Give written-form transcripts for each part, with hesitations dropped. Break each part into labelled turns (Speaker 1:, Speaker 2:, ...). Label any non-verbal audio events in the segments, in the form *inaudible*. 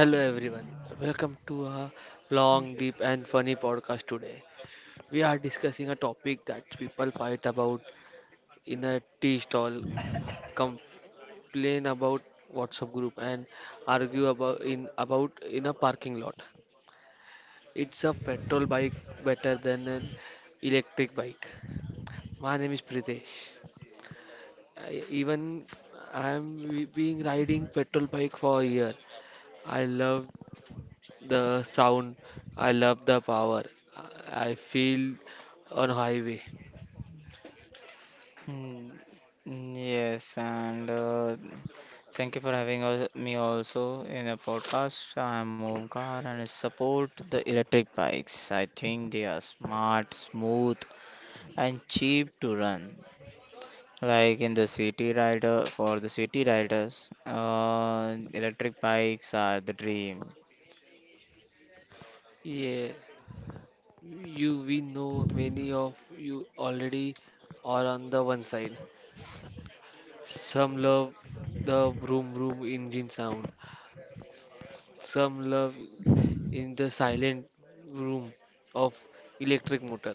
Speaker 1: Hello everyone, welcome to a long, deep, and funny podcast today. We are discussing a topic that people fight about in a tea stall, complain about WhatsApp group, and argue about in a parking lot. It's a petrol bike better than an electric bike. My name is Pritesh. Even I am being riding petrol bike for a year. I love the sound, I love the power. I feel on highway.
Speaker 2: Mm, Yes, and thank you for having me also in a podcast. I'm Omkar and I support the electric bikes. I think they are smart, smooth, and cheap to run. Like in the city rider, for the city riders, electric bikes are the dream.
Speaker 1: Yeah, you we know many of you already are on the one side. Some love the vroom vroom engine sound. Some love in the silent room of electric motor.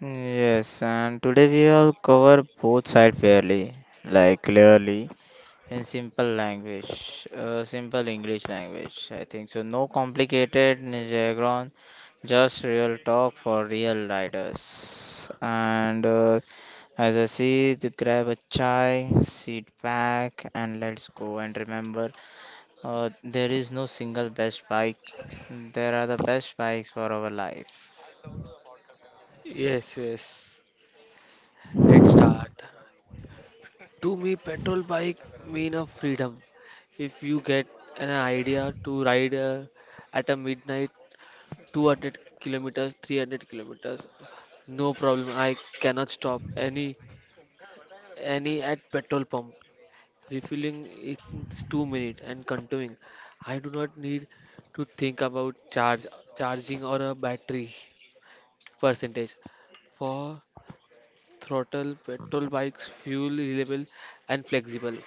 Speaker 2: Yes, and today we will cover both sides fairly, like clearly, in simple language, simple English language, I think so. No complicated jargon, just real talk for real riders. And as I see, to grab a chai, sit back, and let's go. And remember, there is no single best bike. There are the best bikes for our life.
Speaker 1: Yes, yes. Let's start. To me, petrol bike mean of freedom. If you get an idea to ride at a midnight 200 kilometers, 300 kilometers, no problem. I cannot stop any at petrol pump. Refilling is 2 minutes and continuing. I do not need to think about charge charging or a battery percentage. For throttle petrol bikes, fuel reliable and flexible.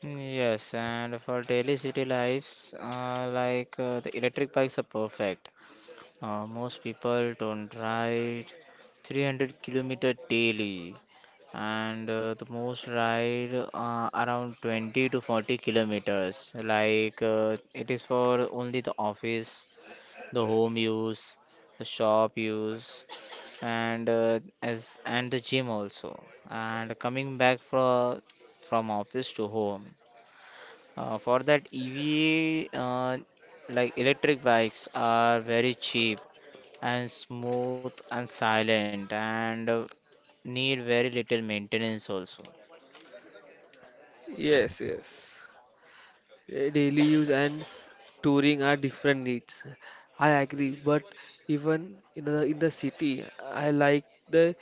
Speaker 2: Yes, and for daily city lives, the electric bikes are perfect. Most people don't ride 300-kilometer daily, and the most ride around 20 to 40 kilometers. It is for only the office, the home use, the shop use, and as and the gym also. And coming back from office to home. For that EV, like electric bikes are very cheap and smooth and silent and need very little maintenance also.
Speaker 1: Yes, yes. Daily use and touring are different needs. I agree, but even in the city, I like the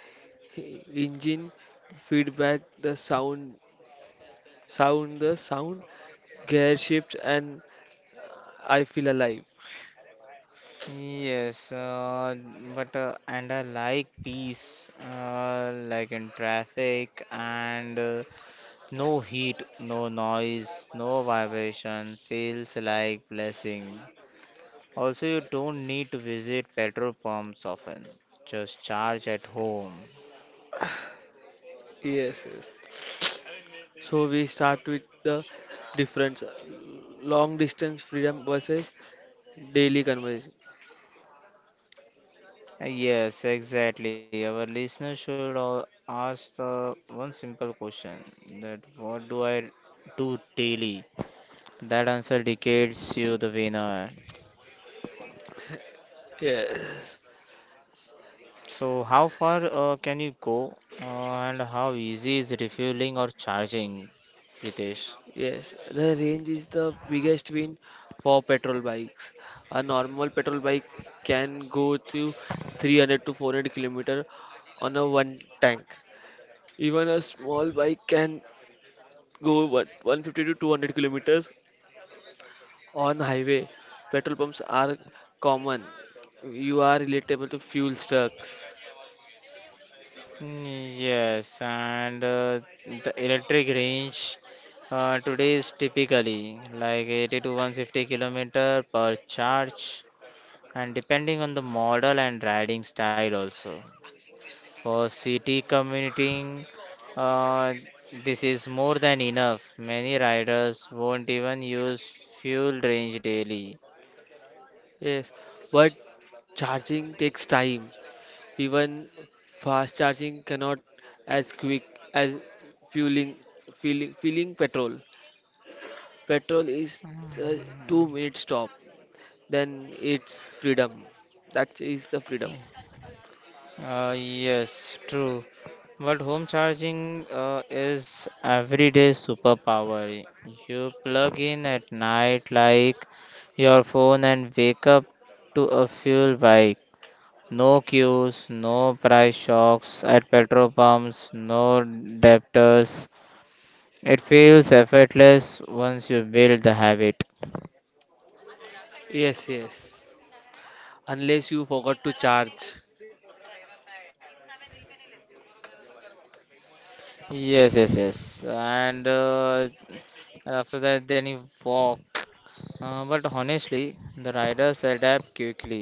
Speaker 1: engine feedback, the sound, gear shift, and I feel alive.
Speaker 2: Yes, but and I like peace, like in traffic and no heat, no noise, no vibration, feels like blessing. Also, you don't need to visit petrol pumps often, just charge at home.
Speaker 1: Yes, yes. So we start with the difference, long distance freedom versus daily conversation.
Speaker 2: Yes, exactly. Our listeners should all ask the one simple question, that what do I do daily? That answer dictates you the winner.
Speaker 1: Yes.
Speaker 2: So, how far can you go and how easy is refueling or charging, Pritesh?
Speaker 1: Yes, the range is the biggest win for petrol bikes. A normal petrol bike can go to 300 to 400 kilometer on a one tank. Even a small bike can go what 150 to 200 kilometers on highway. Petrol pumps are common. You are relatable to fuel trucks.
Speaker 2: Yes, and the electric range today is typically like 80 to 150 kilometer per charge, and depending on the model and riding style also. For city commuting, uh, this is more than enough. Many riders won't even use fuel range daily.
Speaker 1: Yes, but charging takes time. Even fast charging cannot as quick as fueling fueling petrol. Petrol is uh, 2 minute stop. Then it's freedom. That is the freedom.
Speaker 2: Yes, true. But home charging is everyday superpower. You plug in at night like your phone and wake up to a fuel bike. No queues, no price shocks at petrol pumps, no debtors. It feels effortless once you build the habit.
Speaker 1: Yes, yes. Unless you forgot to charge.
Speaker 2: Yes, yes, yes. And after that, then you walk. But honestly, the riders adapt quickly.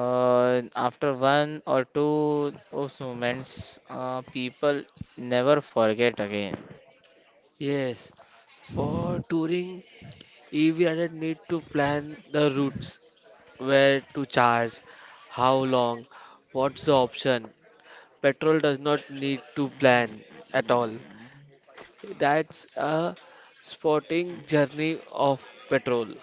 Speaker 2: After one or two those moments, people never forget again.
Speaker 1: Yes. For touring, EV rider need to plan the routes, where to charge, how long, what's the option. Petrol does not need to plan at all. That's a sporting journey of petrol.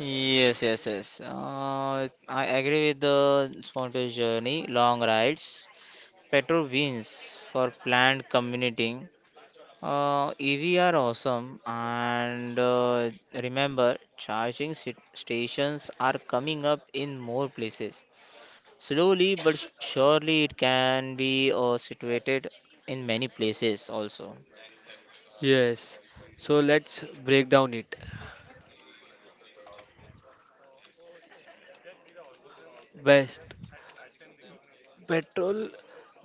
Speaker 2: Yes, yes, yes. I agree with the spontaneous journey, long rides. Petrol wins for planned commuting. EV are awesome, and remember, charging stations are coming up in more places. Slowly but surely, it can be situated in many places also.
Speaker 1: Yes. So let's break down it. Best petrol,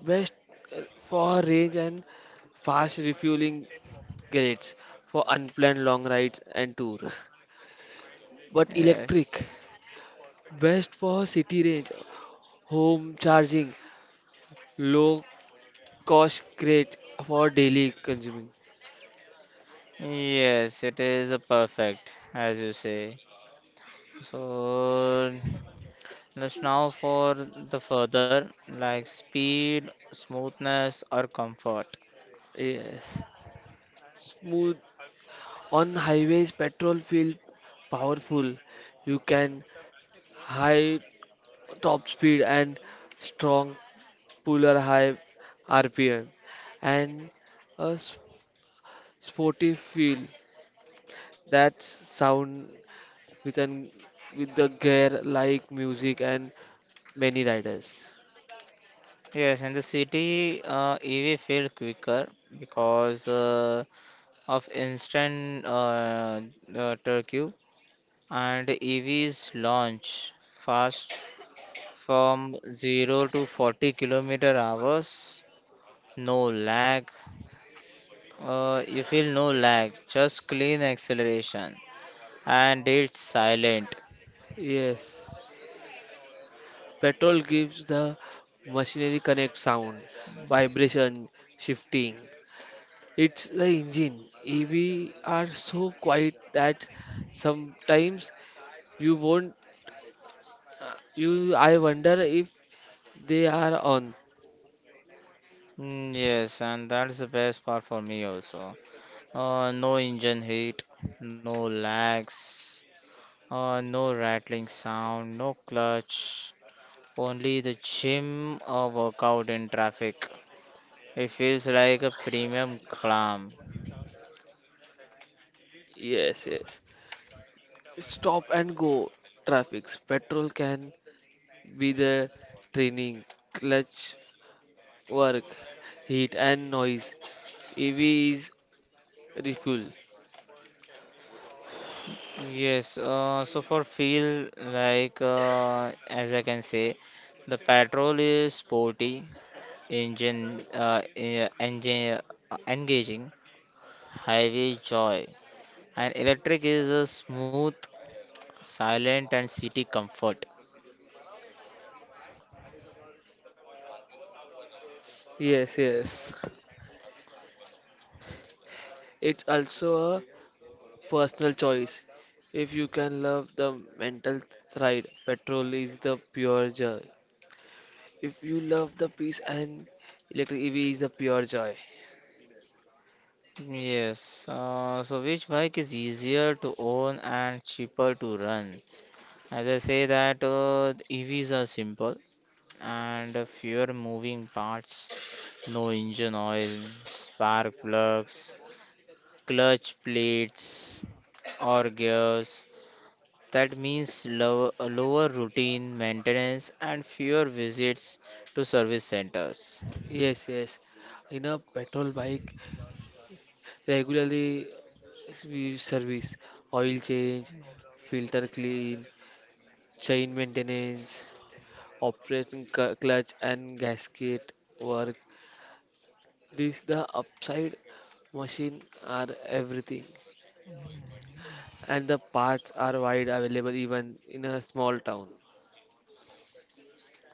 Speaker 1: best for range and fast refueling greats for unplanned long rides and tour. But electric,
Speaker 2: Yes,
Speaker 1: best for city range, home charging, low cost great for daily consuming.
Speaker 2: yes, it is a perfect, as you say. So let's now for the further like speed, smoothness, or comfort.
Speaker 1: Yes. Smooth. On highways, petrol feels powerful. You can high top speed and strong puller high RPM and a s- sporty feel that sound with an with the gear like music and many riders.
Speaker 2: Yes, in the city, EV feel quicker because of instant turkey, and EVs launch fast from 0 to 40 kilometer hours. No lag, you feel no lag, just clean acceleration, and it's silent.
Speaker 1: Yes. Petrol gives the machinery connect sound, vibration, shifting. It's the engine. EV are so quiet that sometimes you won't you I wonder if they are on.
Speaker 2: Yes, and that's the best part for me also. No engine heat, no lags, no rattling sound, no clutch, only the gym workout in traffic. It feels like a premium climb.
Speaker 1: Yes, yes. Stop and go traffics. Petrol can be the training, clutch work, heat and noise. EV is refuel.
Speaker 2: Yes, so for feel like as I can say, the patrol is sporty, engine, engine engaging, highway joy, and electric is a smooth, silent, and city comfort.
Speaker 1: Yes, yes. It's also a personal choice. If you can love the mental ride, petrol is the pure joy. If you love the peace and electric EV is a pure joy.
Speaker 2: Yes, so which bike is easier to own and cheaper to run? As I say that EVs are simple and fewer moving parts. No engine oil, spark plugs, clutch plates, or gears. That means lower routine maintenance and fewer visits to service centers.
Speaker 1: Yes, yes. In a petrol bike, regularly we service, oil change, filter clean, chain maintenance, operating clutch and gasket work. This the upside machine are everything, and the parts are wide available even in a small town.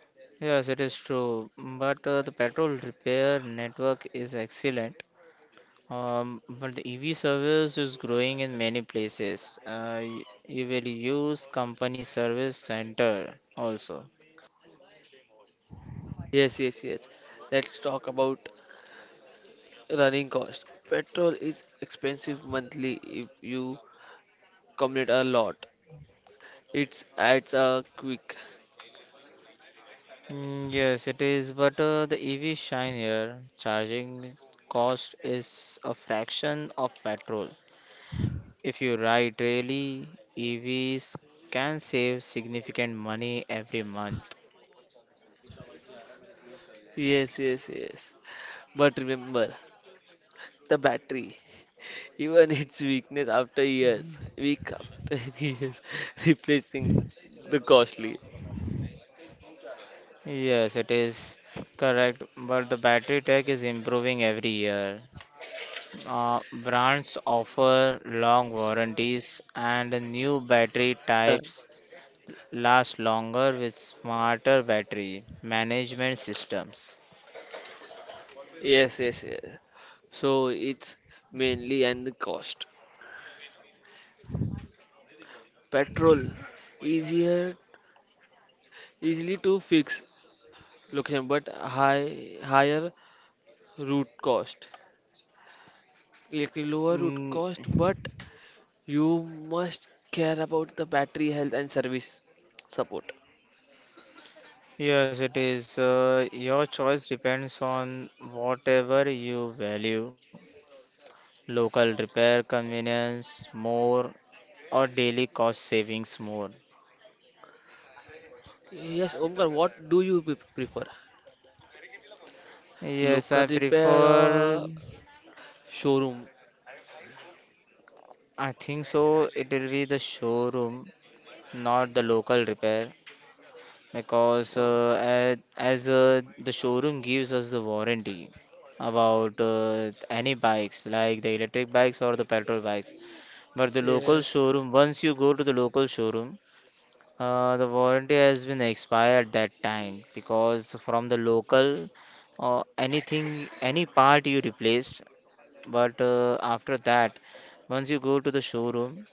Speaker 2: Yes, it is true, but the petrol repair network is excellent. But the EV service is growing in many places. You will use company service center also.
Speaker 1: Yes, yes, yes. Let's talk about running cost. Petrol is expensive monthly if you commute a lot. It adds a quick.
Speaker 2: Yes, it is, but the EV shine here, charging cost is a fraction of petrol. If you ride daily, EVs can save significant money every month.
Speaker 1: Yes, yes, yes. But remember, the battery, even its weakness after years, week after *laughs* years, replacing the costly.
Speaker 2: Yes, it is correct, but the battery tech is improving every year. Brands offer long warranties, and new battery
Speaker 1: Uh,
Speaker 2: types last longer with smarter battery management systems.
Speaker 1: Yes, yes, yes. So it's mainly and the cost. Petrol easier easily to fix location but higher route cost. Little lower would
Speaker 2: Mm,
Speaker 1: cost, but you must care about the battery health and service support.
Speaker 2: Yes, it is. Your choice depends on whatever you value local repair convenience more or daily cost savings more.
Speaker 1: Yes, Omkar, what do you prefer?
Speaker 2: Yes,
Speaker 1: Local
Speaker 2: I
Speaker 1: repair
Speaker 2: prefer,
Speaker 1: or showroom?
Speaker 2: I think so, it will be the showroom, not the local repair, because
Speaker 1: Uh,
Speaker 2: as the showroom gives us the warranty about any bikes like the electric bikes or the petrol bikes. But the local
Speaker 1: Yes.
Speaker 2: showroom, once you go to the local showroom, the warranty has been expired that time, because from the local, any part you replaced, but after that, once you go to the showroom,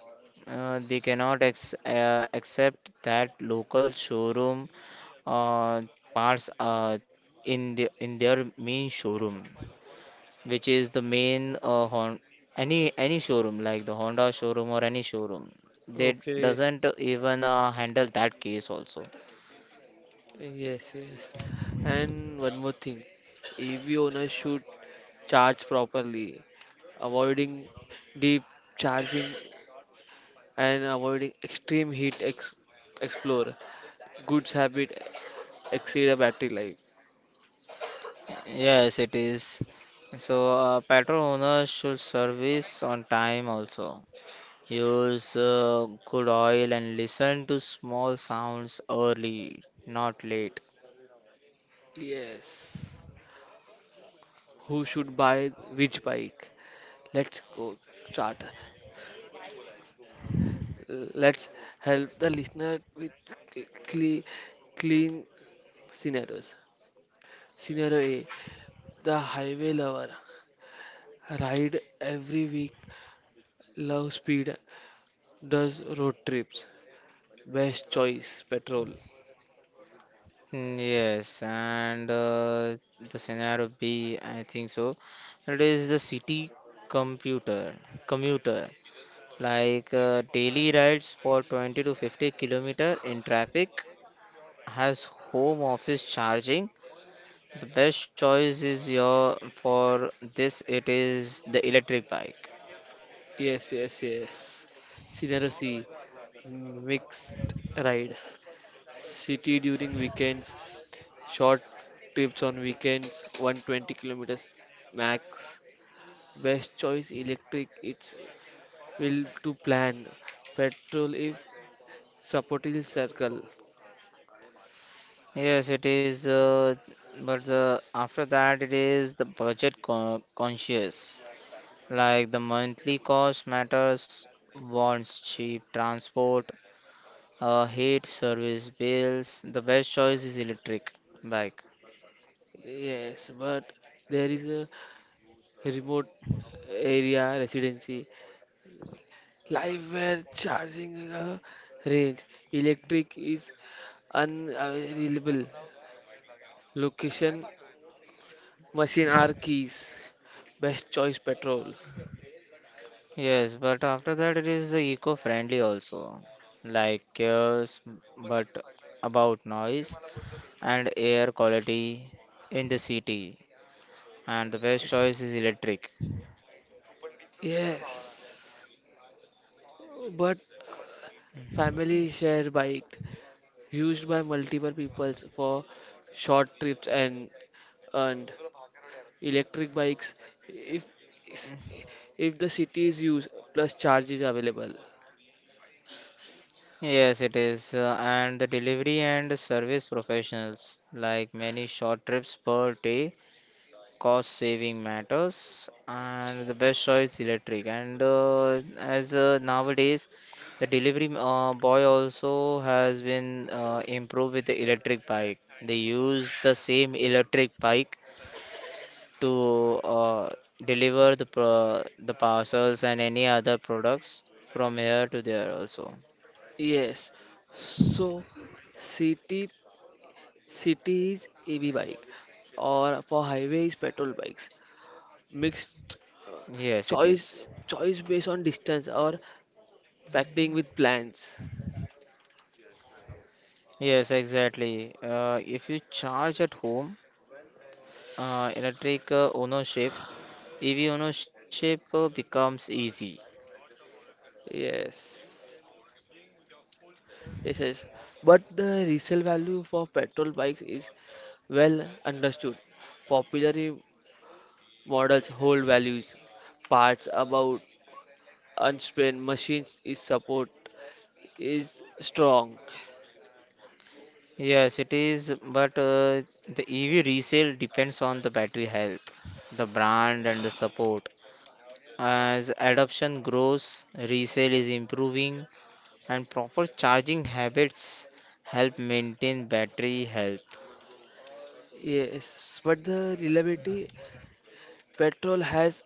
Speaker 2: they cannot ex accept that local showroom parts in the in their main showroom, which is the main hon any showroom like the Honda showroom or any showroom. They
Speaker 1: Okay.
Speaker 2: doesn't even handle that case also.
Speaker 1: Yes, yes. And one more thing, EV owner should charge properly, avoiding deep charging and avoiding extreme heat explore. Good habit exceed a battery life.
Speaker 2: Yes, it is. So, petrol owners should service on time also. Use good oil and listen to small sounds early, not late.
Speaker 1: Yes. Who should buy which bike? Let's go start. Let's help the listener with clean, clean scenarios. Scenario A: the highway lover ride every week, love speed, does road trips. Best choice: petrol.
Speaker 2: Yes, and the scenario B, I think so, it is the city computer commuter. Daily rides for 20 to 50 kilometer in traffic, has home office charging. The best choice is your for this, it is the electric bike.
Speaker 1: Yes, yes, yes. Scenario C: mixed ride, city during weekends, short trips on weekends, 120 kilometers max. Best choice electric, it's will to plan. Petrol if supportive circle.
Speaker 2: Yes, it is. But the, after that, it is the conscious. Like the monthly cost matters, wants cheap transport, hate service bills. The best choice is electric bike.
Speaker 1: Yes, but there is a remote area residency. Live where charging range. Electric is unavailable. Location, machine are
Speaker 2: Mm.
Speaker 1: keys. Best choice petrol.
Speaker 2: Yes, but after that it is eco-friendly also, like cares but about noise and air quality in the city. And the best choice is electric.
Speaker 1: Yes, but family share bike used by multiple peoples for short trips and and electric bikes if if the city is used plus charge is available.
Speaker 2: Yes, it is, and the delivery and service professionals, like many short trips per day, cost saving matters, and the best choice electric. And as nowadays the delivery boy also has been improved with the electric bike. They use the same electric bike to deliver the the parcels and any other products from here to there also.
Speaker 1: Yes. So city city is EV bike or for highways petrol bikes. Mixed uh,
Speaker 2: Yes, it is.
Speaker 1: choice choice based on distance or packing with plans.
Speaker 2: Yes, exactly, if you charge at home, electric ownership EV ownership becomes easy.
Speaker 1: Yes. Yes, yes. But the resale value for petrol bikes is well understood. Popular models hold values, parts about unspent machines is support is strong.
Speaker 2: Yes, it is, but the EV resale depends on the battery health, the brand, and the support. As adoption grows, resale is improving, and proper charging habits help maintain battery health.
Speaker 1: Yes, but the reliability petrol has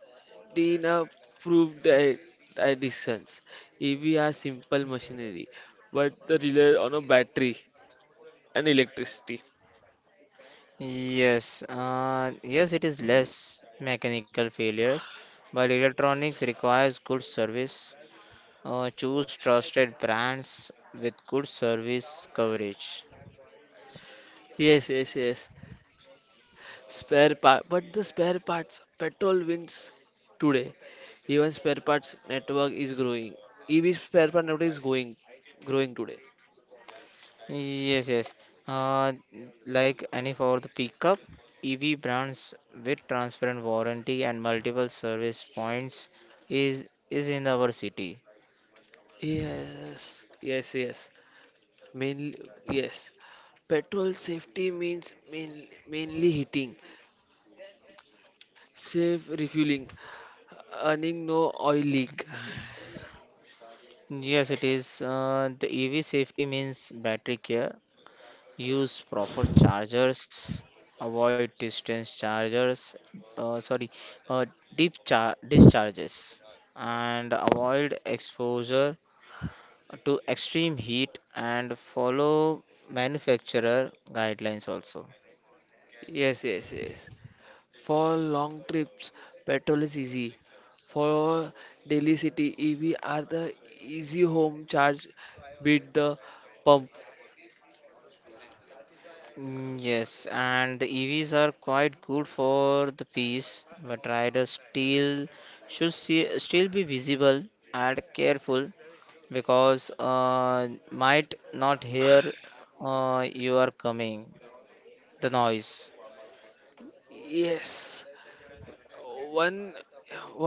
Speaker 1: been a proved additions. EV are simple machinery, but the rely on a battery and electricity.
Speaker 2: Yes, yes, it is less mechanical failures, but electronics requires good service. Choose trusted brands with good service coverage.
Speaker 1: Yes, yes, yes. Spare part, but the spare parts petrol wins today. Even spare parts network is growing. EV spare part network is growing today.
Speaker 2: Yes, yes. Uh, like any for the pickup, EV brands with transparent warranty and multiple service points is in our city.
Speaker 1: Yes, yes, yes. Mainly, yes. Petrol safety means mainly heating, safe refueling, earning no oil leak.
Speaker 2: Yes, it is. The EV safety means battery care. Use proper chargers. Avoid distance chargers. Sorry, uh, deep char discharges, and avoid exposure to extreme heat, and follow manufacturer guidelines also.
Speaker 1: Yes, yes, yes. For long trips, petrol is easy. For daily city, EV are the easy home charge, beat the pump.
Speaker 2: Yes, and the EVs are quite good for the piece, but riders still should see, still be visible and careful, because might not hear you are coming, the noise.
Speaker 1: Yes, one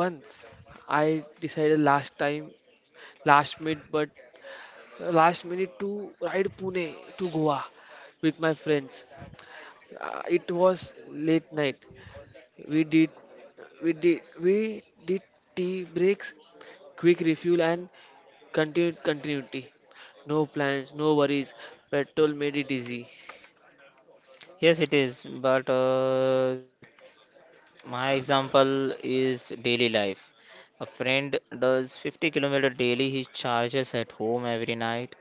Speaker 1: once I decided last minute, but last minute to ride Pune to Goa with my friends. It was late night. We did, we did tea breaks, quick refuel and Continued continuity. No plans, no worries. Petrol made it easy.
Speaker 2: Yes, it is, but my example is daily life. A friend does 50-kilometer daily. He charges at home every night.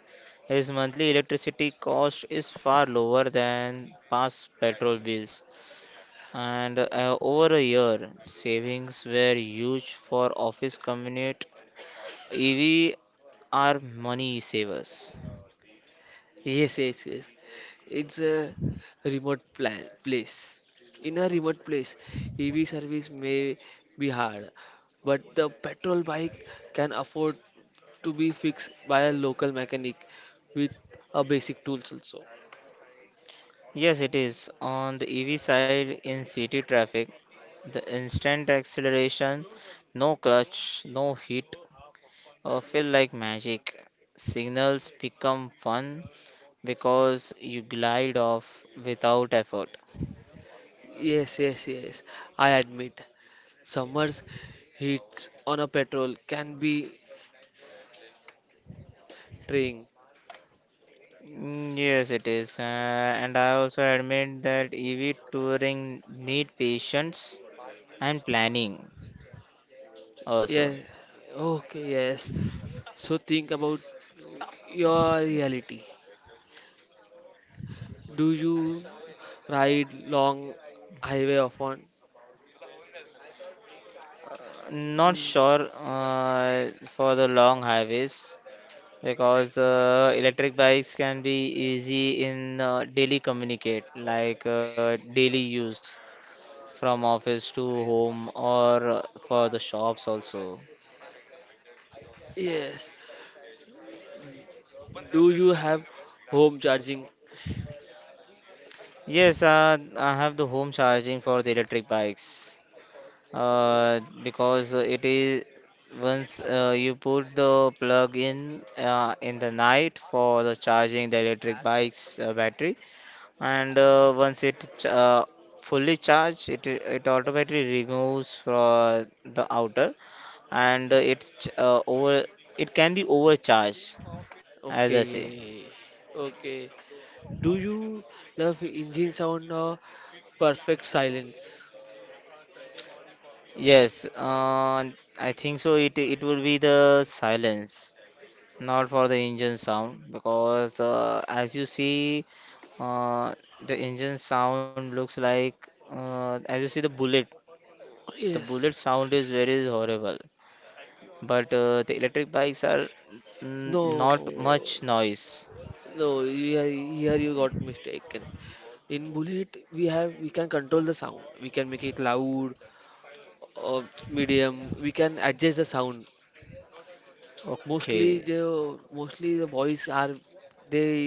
Speaker 2: His monthly electricity cost is far lower than past petrol bills. And over a year, savings were huge for office commute. EV are money savers.
Speaker 1: Yes, yes, yes. It's a remote plan place. In a remote place, EV service may be hard, but the petrol bike can afford to be fixed by a local mechanic with a basic tools also.
Speaker 2: Yes, it is. On the EV side, in city traffic, the instant acceleration, no clutch, no hit, feel like magic. Signals become fun because you glide off without effort.
Speaker 1: Yes, yes, yes. I admit, summer's heats on a petrol can be trying.
Speaker 2: Yes, it is. And I also admit that EV touring need patience and planning also.
Speaker 1: Yeah. Okay, yes. So think about your reality. Do you ride long highway often?
Speaker 2: Not
Speaker 1: Mm,
Speaker 2: sure for the long highways, because electric bikes can be easy in daily communicate, like daily use from office to home or for the shops also.
Speaker 1: yes. Do you have home charging?
Speaker 2: Yes, I have the home charging for the electric bikes
Speaker 1: Uh,
Speaker 2: because it is, once you put the plug in the night for the charging the electric bike's battery, and once fully charged, it automatically removes from the outer, and it's over, it can be overcharged, as I say.
Speaker 1: Okay. Okay. Do you love engine sound or perfect silence?
Speaker 2: Yes, I think so, it will be the silence, not for the engine sound, because as you see, uh, the engine sound looks like as you see the bullet. The bullet
Speaker 1: Yes.
Speaker 2: sound is very horrible, but the electric bikes are n
Speaker 1: No.
Speaker 2: not much noise.
Speaker 1: No, here you got mistaken. In Bullet, we can control the sound. We can make it loud or medium. We can adjust the sound.
Speaker 2: Okay,
Speaker 1: Mostly the boys are they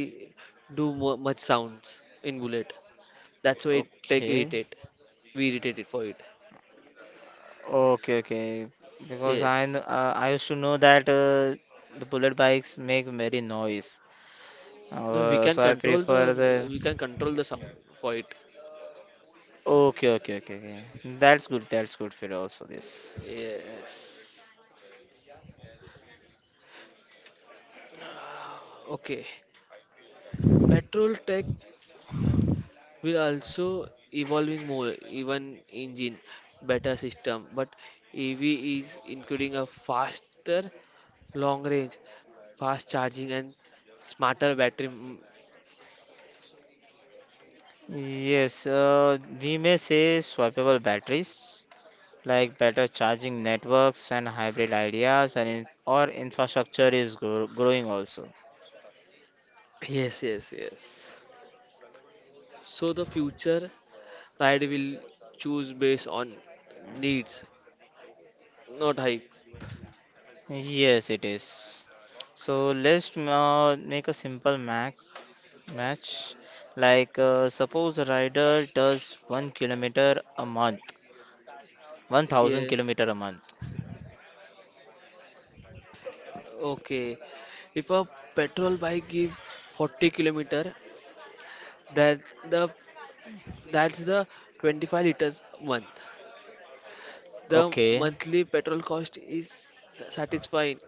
Speaker 1: do mu much sounds in Bullet. That's why it take
Speaker 2: okay,
Speaker 1: irritate. We irritate it for it.
Speaker 2: okay, okay. Because
Speaker 1: Yes.
Speaker 2: I used to know that the bullet bikes make very noise.
Speaker 1: No,
Speaker 2: So I prefer the.
Speaker 1: we can control the sound for it.
Speaker 2: Okay, okay, okay, okay. That's good. That's good for also this.
Speaker 1: Yes. Okay. Petrol tech. We're also evolving more, even engine, better system. But EV is including a faster long range, fast charging, and smarter battery. Mm,
Speaker 2: Yes, we may say swappable batteries, like better charging networks and hybrid ideas, and or infrastructure is growing also.
Speaker 1: yes, yes, yes. So the future ride will choose based on needs, not hype.
Speaker 2: Yes, it is. So let's make a simple ma match. Suppose a rider does 1 kilometer a month, one thousand
Speaker 1: Yes.
Speaker 2: kilometer a month.
Speaker 1: Okay. If a petrol bike give 40 kilometer, that the that's the 25 liters month. The
Speaker 2: Okay.
Speaker 1: monthly petrol cost is satisfying,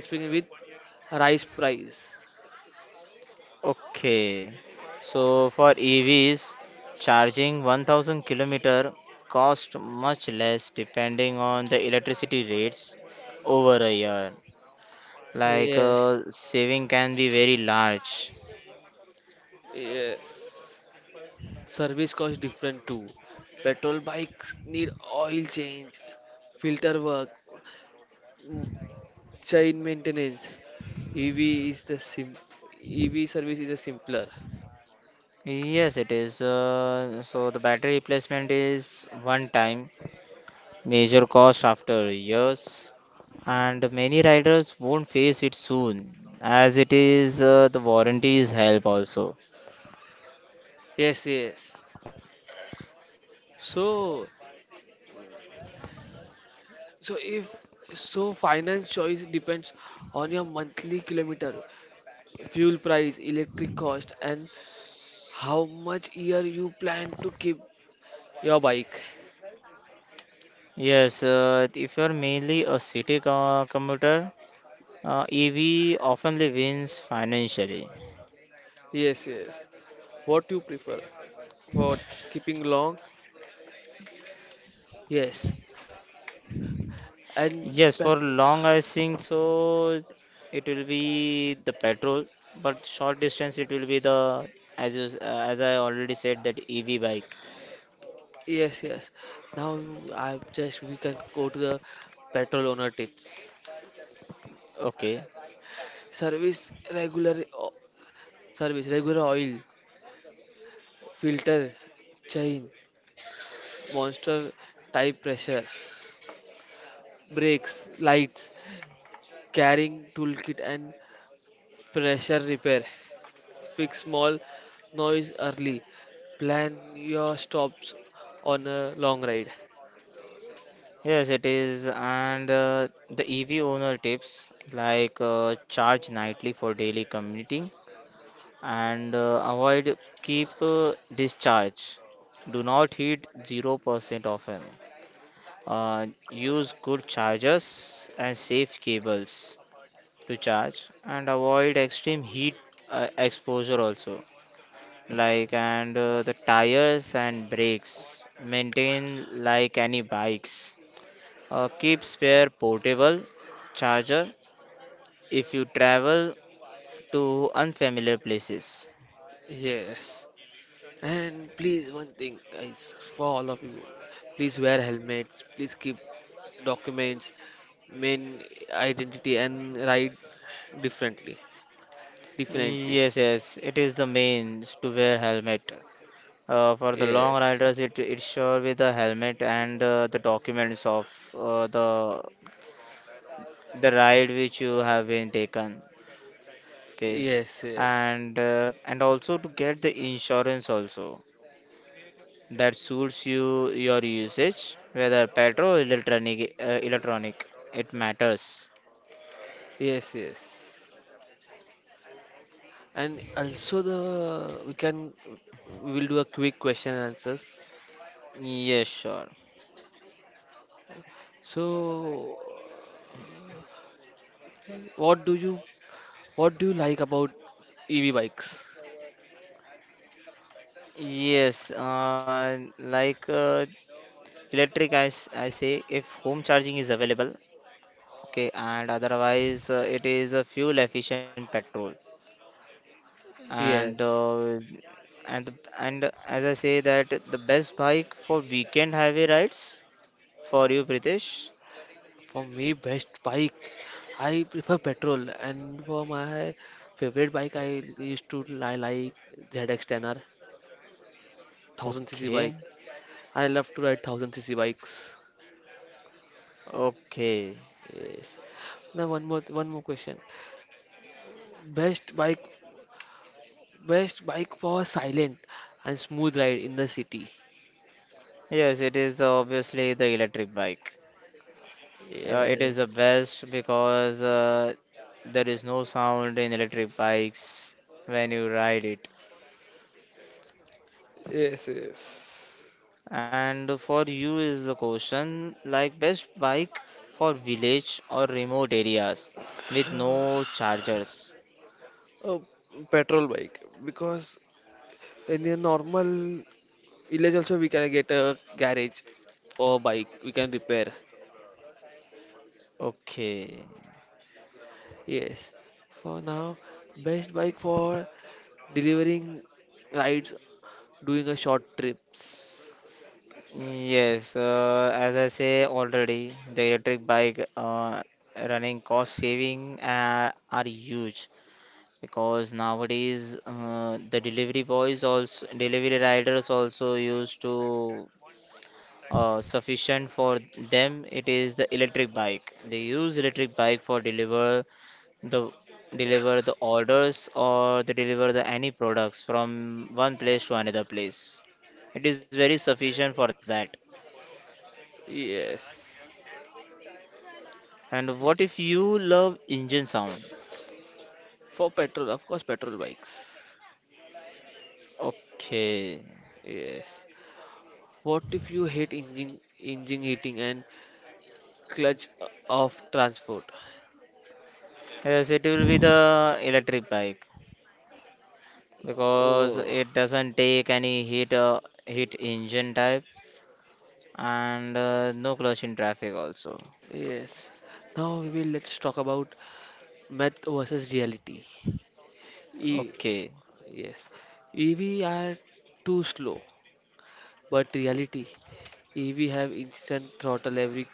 Speaker 1: speaking with rice price.
Speaker 2: Okay. So for EVs, charging 1000 kilometer cost much less depending on the electricity rates over a year.
Speaker 1: Yeah,
Speaker 2: Saving can be very large.
Speaker 1: yes. Service cost different too. Petrol bikes need oil change, filter work, mm, chain maintenance. EV is the sim EV service is a simpler.
Speaker 2: Yes, it is. So the battery replacement is one time major cost after years, and many riders won't face it soon as it is the warranties help also.
Speaker 1: Yes, yes. So, so if so finance choice depends on your monthly kilometer fuel price, electric cost, and how much year you plan to keep your bike.
Speaker 2: Yes, if you're mainly a city commuter, EV oftenly wins financially.
Speaker 1: Yes, yes. What you prefer? What keeping long? Yes, and
Speaker 2: Yes,
Speaker 1: pet
Speaker 2: for long I think so it will be the petrol, but short distance it will be the as you, s- uh, as I already said that EV bike.
Speaker 1: yes, yes. Now I just we can go to the petrol owner tips.
Speaker 2: Okay.
Speaker 1: Service regular o- Service regular oil filter chain monster type pressure brakes lights carrying toolkit and pressure repair. Fix small noise early. Plan your stops on a long ride.
Speaker 2: Yes, it is. And the EV owner tips like charge nightly for daily commuting, and avoid keep discharge. Do not heat 0% often. Use good chargers and safe cables to charge and avoid extreme heat exposure also. Like and the tires and brakes maintain like any bikes. Keep spare portable charger if you travel to unfamiliar places.
Speaker 1: Yes. And please, one thing, guys, for all of you, please wear helmets. Please keep documents, main identity, and ride differently. Differently.
Speaker 2: Yes, yes, it is the means to wear helmet. For the long
Speaker 1: Yes.
Speaker 2: riders, it sure with the helmet and the documents of the ride which you have been taken. Okay,
Speaker 1: Yes. Yes.
Speaker 2: and also to get the insurance also that suits you your usage, whether petrol or electronic electronic, it matters.
Speaker 1: Yes. Yes. And also the we can we will do a quick question and answers.
Speaker 2: Yes, sure.
Speaker 1: So, what do you what do you like about EV bikes?
Speaker 2: Yes, electric I say if home charging is available okay and otherwise it is a fuel efficient petrol and
Speaker 1: Yes,
Speaker 2: uh, and and as I say that the best bike for weekend highway rides for you pritesh.
Speaker 1: for me best bike, I prefer petrol, and for my favorite bike, I used to I like ZX10R, 1000 cc
Speaker 2: Okay.
Speaker 1: bike. I love to ride 1000 cc bikes.
Speaker 2: Okay,
Speaker 1: Yes. Now one more question. Best bike, Best bike for silent and smooth ride in the city.
Speaker 2: yes it is obviously the electric bike. It is the
Speaker 1: Yes.
Speaker 2: best because there is no sound in electric bikes when you ride it.
Speaker 1: Yes, yes.
Speaker 2: And for you is the question like best bike for village or remote areas with no
Speaker 1: *sighs*
Speaker 2: chargers.
Speaker 1: A petrol bike because in a normal village also we can get a garage or bike we can repair.
Speaker 2: Okay.
Speaker 1: Yes. For now, best bike for delivering rides, doing a short trips.
Speaker 2: Yes, as I say already, the electric bike running cost saving are huge because nowadays the delivery boys also delivery riders also used to sufficient for them it is the electric bike they use electric bike for the deliver the orders or they deliver the any products from one place to another place it is very sufficient for that.
Speaker 1: Yes.
Speaker 2: And what if you love engine sound.
Speaker 1: For petrol, of course, petrol bikes.
Speaker 2: Okay,
Speaker 1: Yes. What if you hate engine heating and clutch of transport?
Speaker 2: yes it will be the electric bike because
Speaker 1: Oh.
Speaker 2: it doesn't take any heat heat engine type and no clutch in traffic also.
Speaker 1: Yes. Now we will let's talk about myth versus reality. E
Speaker 2: Okay.
Speaker 1: Yes. EV are too slow, but reality EV have instant throttle every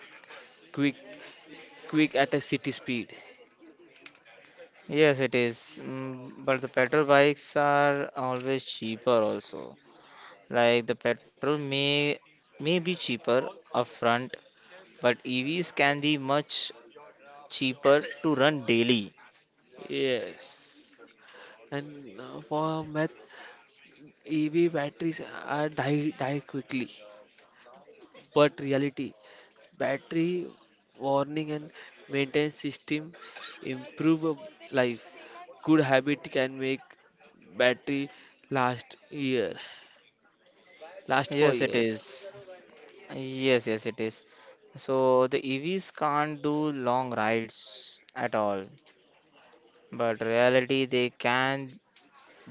Speaker 1: quick quick at a city speed.
Speaker 2: Yes, it is. Mm, but the petrol bikes are always cheaper also. Like the petrol may be cheaper upfront, but EVs can be much cheaper to run daily.
Speaker 1: Yes. And for math, EV batteries are die quickly, but reality, battery warning and maintenance system improve of life. Good habit can make battery last year, last for
Speaker 2: Yes, it
Speaker 1: years.
Speaker 2: is. Yes, yes, it is. So the EVs can't do long rides at all, but reality they can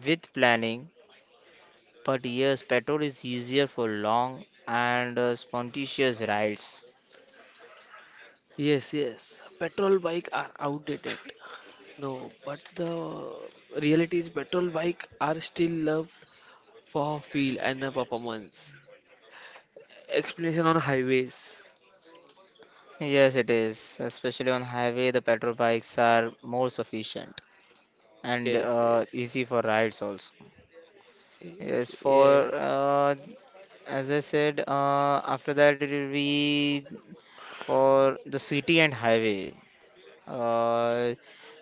Speaker 2: with planning. But yes, petrol is easier for long and spontaneous rides.
Speaker 1: Yes, yes. Petrol bike are outdated. No, but the reality is petrol bike are still loved for feel and the performance. Explanation on highways.
Speaker 2: Yes, it is. Especially on highway, the petrol bikes are more sufficient and
Speaker 1: Yes,
Speaker 2: easy
Speaker 1: yes.
Speaker 2: for rides also. Yes, for
Speaker 1: Yes,
Speaker 2: as I said, after that it will be for the city and highway. Uh,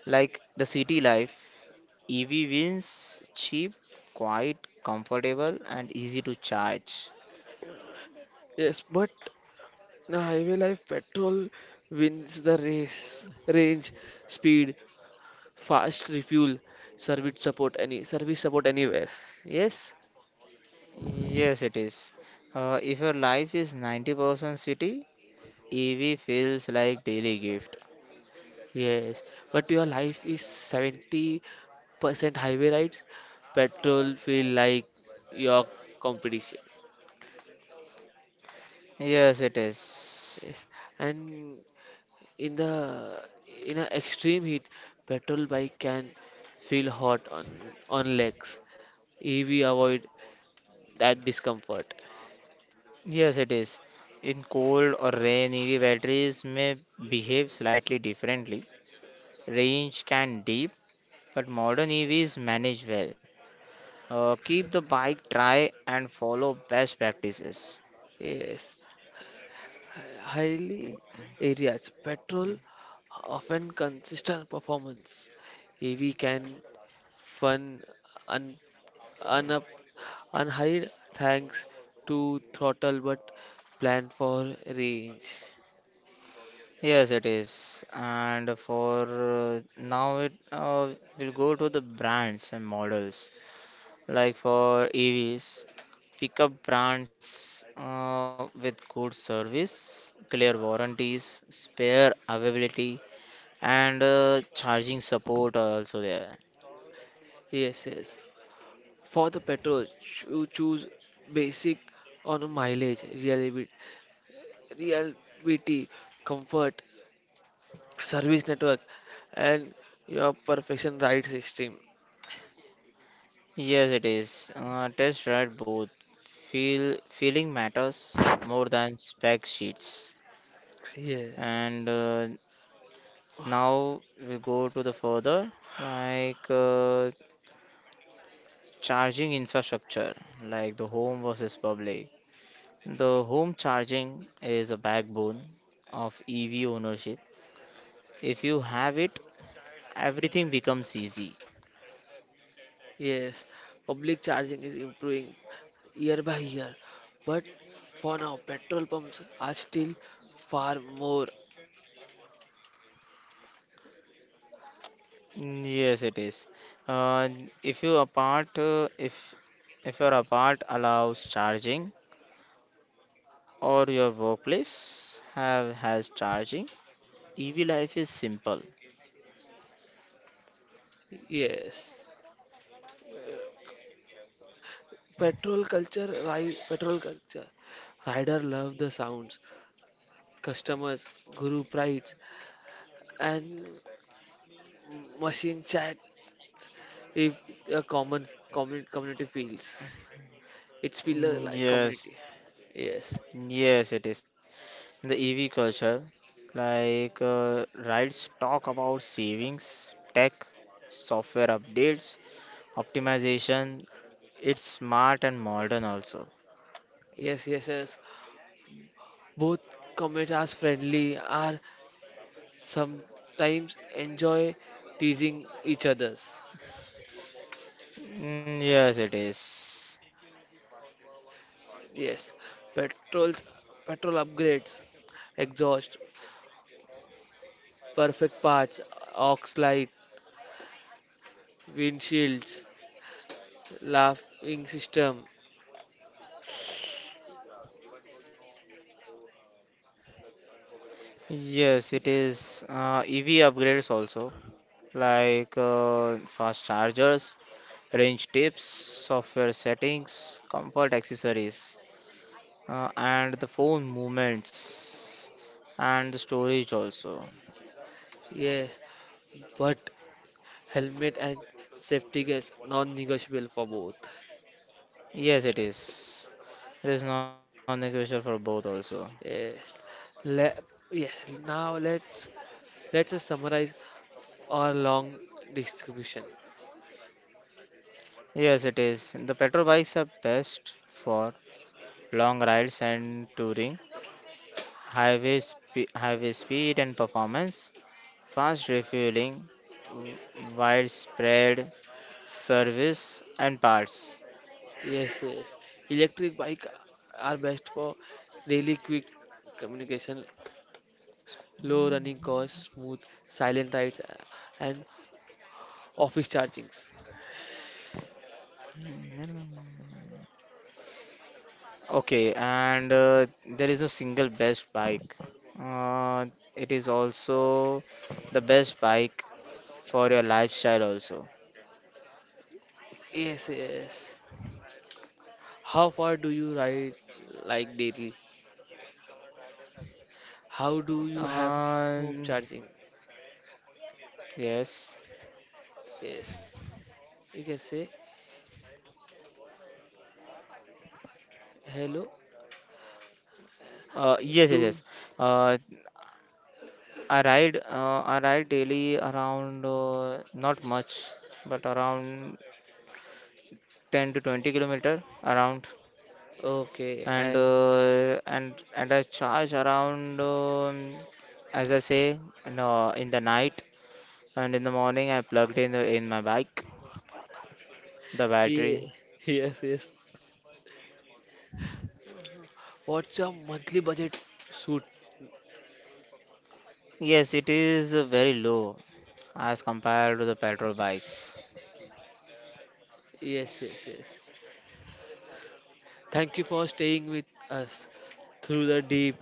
Speaker 2: like the city life, EV wins cheap, quiet, comfortable, and easy to charge.
Speaker 1: yes. But the highway life petrol wins the race. Range, speed, fast refuel, service support anywhere. Yes,
Speaker 2: Yes, it is. If your life is 90% city, EV feels like daily gift.
Speaker 1: yes. But your life is 70% highway rides. Petrol feel like your competition.
Speaker 2: Yes, it is.
Speaker 1: Yes. And in the in an extreme heat, petrol bike can feel hot on legs. EV avoid that discomfort.
Speaker 2: Yes, it is. In cold or rain, EV batteries may behave slightly differently. Range can dip, but modern EVs manage well. Keep the bike dry and follow best practices.
Speaker 1: Yes. Highly areas. Petrol often consistent performance. EV can fun un, un, unhide thanks to throttle but planned for range.
Speaker 2: Yes, it is. And for now, it will go to the brands and models. Like for EVs, pick up brands with good service, clear warranties, spare availability, and charging support are also there.
Speaker 1: Yes, yes. For the petrol, choose basic on mileage, reliability, comfort, service network, and your perfection ride system.
Speaker 2: Yes, it is. Test ride both. Feeling matters more than spec sheets. And
Speaker 1: Yes.
Speaker 2: now we go to the further like uh, charging infrastructure, like the home versus public. The home charging is a backbone of EV ownership. If you have it, everything becomes easy.
Speaker 1: Yes, public charging is improving year by year, but for now, petrol pumps are still far more.
Speaker 2: Mm, yes, it is. Uh, if you apart, uh, if if your apart allows charging or your workplace have has charging, EV life is simple.
Speaker 1: Yes, petrol culture. Rider love the sounds, customers, guru prides, and machine chats. If a common community feels, it's feel
Speaker 2: Mm,
Speaker 1: like
Speaker 2: yes,
Speaker 1: community. Yes,
Speaker 2: yes, it is. The EV culture, like uh, rides talk about savings, tech, software updates, optimization. It's smart and modern also.
Speaker 1: yes, yes, yes. Both comments are friendly, are sometimes enjoy teasing each others.
Speaker 2: Mm, yes, it is.
Speaker 1: Yes, petrols, petrol upgrades, exhaust, perfect parts, aux light, windshields, laughing system.
Speaker 2: Yes, it is. EV upgrades also, fast chargers, range tips, software settings, comfort accessories, uh, and the phone movements, and the storage also.
Speaker 1: Yes, but helmet and safety is non-negotiable for both.
Speaker 2: Yes, it is. It is non-negotiable for both also.
Speaker 1: Yes, Le yes. Now let's just summarize our long distribution.
Speaker 2: Yes, it is. The petrol bikes are best for long rides and touring. Highway, highway speed and performance, fast refueling, w- widespread service and parts.
Speaker 1: Yes, yes. Electric bike are best for really quick communication, low running costs, smooth, silent rides, and office chargings.
Speaker 2: Okay, and there is no single best bike. Uh, it is also the best bike for your lifestyle also.
Speaker 1: Yes, yes. How far do you ride like daily? How do you have
Speaker 2: Um,
Speaker 1: home charging?
Speaker 2: yes.
Speaker 1: Yes. You can say hello.
Speaker 2: Yes, yes, yes.
Speaker 1: Do
Speaker 2: Uh, I ride daily around not much, but around 10 to 20 kilometer around.
Speaker 1: okay
Speaker 2: and
Speaker 1: and
Speaker 2: uh, and and I charge around as I say in the night and in the morning I plugged in in my bike the battery.
Speaker 1: ye- *laughs* yes, yes. What's your monthly budget suit?
Speaker 2: Yes it is very low as compared to the petrol bikes.
Speaker 1: Yes, yes, yes. Thank you for staying with us through the deep,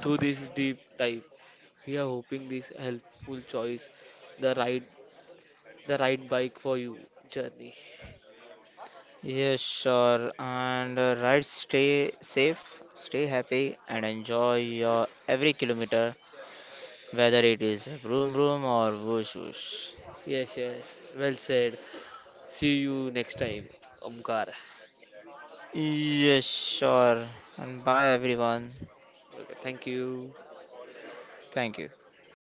Speaker 1: through this deep dive. We are hoping this helpful choice, the right, the right bike for you journey.
Speaker 2: Yes sure and ride stay safe stay happy and enjoy your every kilometer whether it is vroom vroom or whoosh whoosh.
Speaker 1: Yes, yes. Well said. See you next time, Omkar.
Speaker 2: Yes, sure. And bye everyone.
Speaker 1: Okay, thank you.
Speaker 2: Thank you.